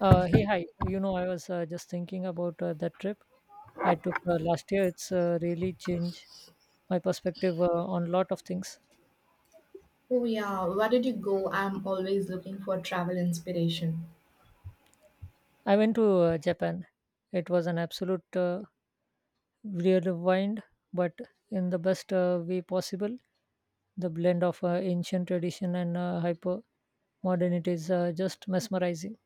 Hey, hi. I was just thinking about that trip I took last year. It's really changed my perspective on a lot of things. Oh yeah, where did you go? I'm always looking for travel inspiration. I went to Japan. It was an absolute rewind, but in the best way possible. The blend of ancient tradition and hyper modernity is just mesmerizing.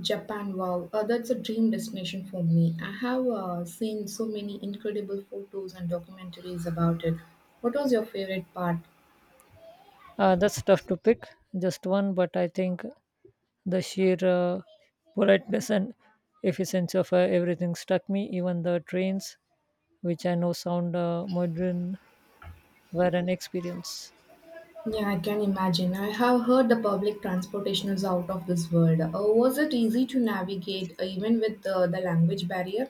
Japan, wow, that's a dream destination for me. I have seen so many incredible photos and documentaries about it. What was your favorite part? That's tough to pick, just one, but I think the sheer politeness and efficiency of everything struck me, even the trains, which I know sound modern, were an experience. Yeah, I can imagine. I have heard the public transportation is out of this world. Was it easy to navigate even with the language barrier?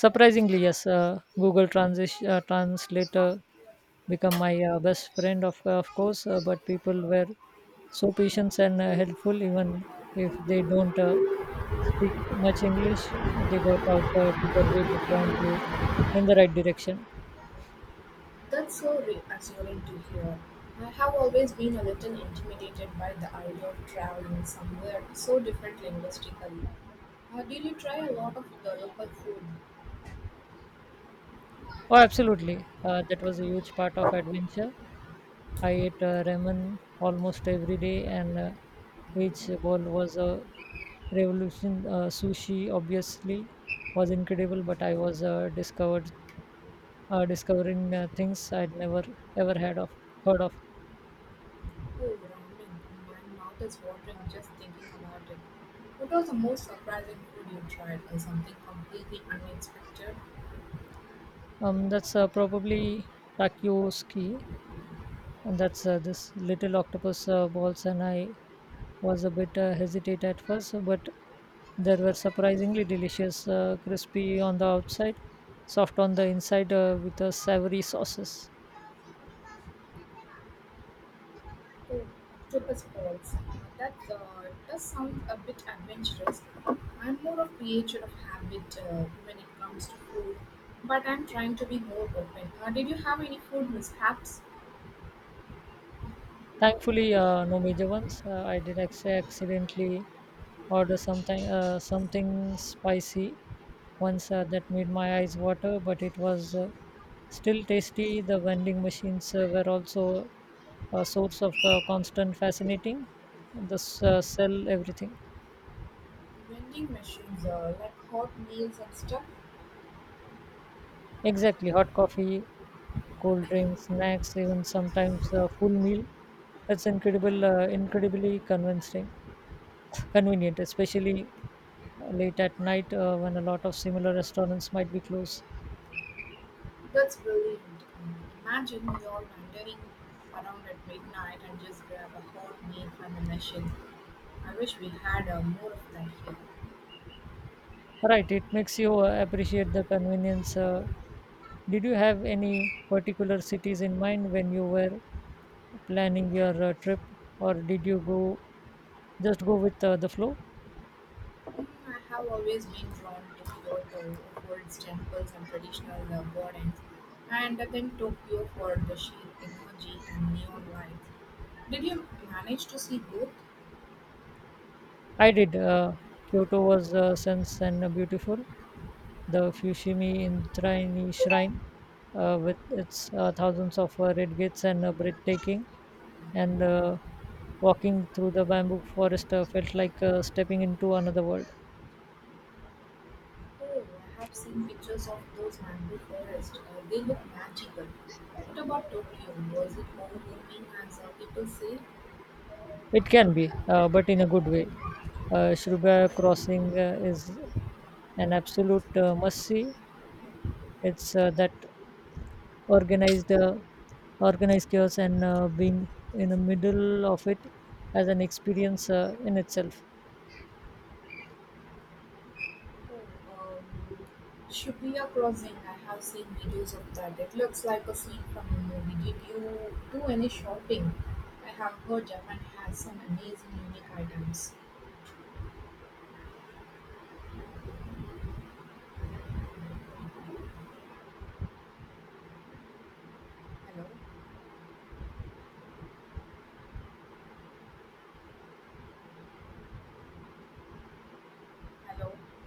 Surprisingly, yes, Google Translator become my best friend, of course, but people were so patient and helpful, even if they don't speak much English, they got out to their way to point you in the right direction. That's so reassuring to hear. I have always been a little intimidated by the idea of traveling somewhere so different linguistically. Did you try a lot of the local food? Oh, absolutely. That was a huge part of adventure. I ate ramen almost every day, and each bowl was a revolution. Sushi obviously was incredible, but I was discovered discovering things I'd never ever had of heard of. Oh, ramen. My mouth is watering just thinking about it. What was the most surprising food you tried, or something completely unexpected? That's probably takoyaki, and that's this little octopus balls, and I was a bit hesitant at first, but they were surprisingly delicious, crispy on the outside, soft on the inside with savory sauces. Oh, octopus balls. That does sound a bit adventurous. I'm more a creature of habit when it comes to food, but I'm trying to be more open. Did you have any food mishaps? Thankfully, no major ones. I did accidentally order something, something spicy once that made my eyes water, but it was still tasty. The vending machines were also a source of constant fascinating. This sell everything. Vending machines, like hot meals and stuff? Exactly, hot coffee, cold drinks, snacks, even sometimes a full meal. That's incredible, convenient, especially late at night when a lot of similar restaurants might be closed. That's brilliant. Um, Imagine you're wandering around at midnight and just grab a hot meal from the machine. I wish we had more of that here. Right, it makes you appreciate the convenience. Did you have any particular cities in mind when you were planning your trip, or did you go just go with the flow? I have always been drawn to Kyoto for its temples and traditional gardens, and then Tokyo for the sheer energy and neon lights. Did you manage to see both? I did. Kyoto was sense and beautiful. The Fushimi Indrani Shrine, with its thousands of red gates and breathtaking, and walking through the bamboo forest felt like stepping into another world. Oh, I have seen pictures of those mango forests. They look magical. What about Tokyo? Was it overwhelming as people say? It can be, but in a good way. Shruba Crossing is an absolute must see. It's that organized organized chaos and being in the middle of it as an experience in itself Shibuya Crossing. I have seen videos of that. It looks like a scene from a movie. Did you do any shopping? I have heard Japan has some amazing unique items. Hello? Hello?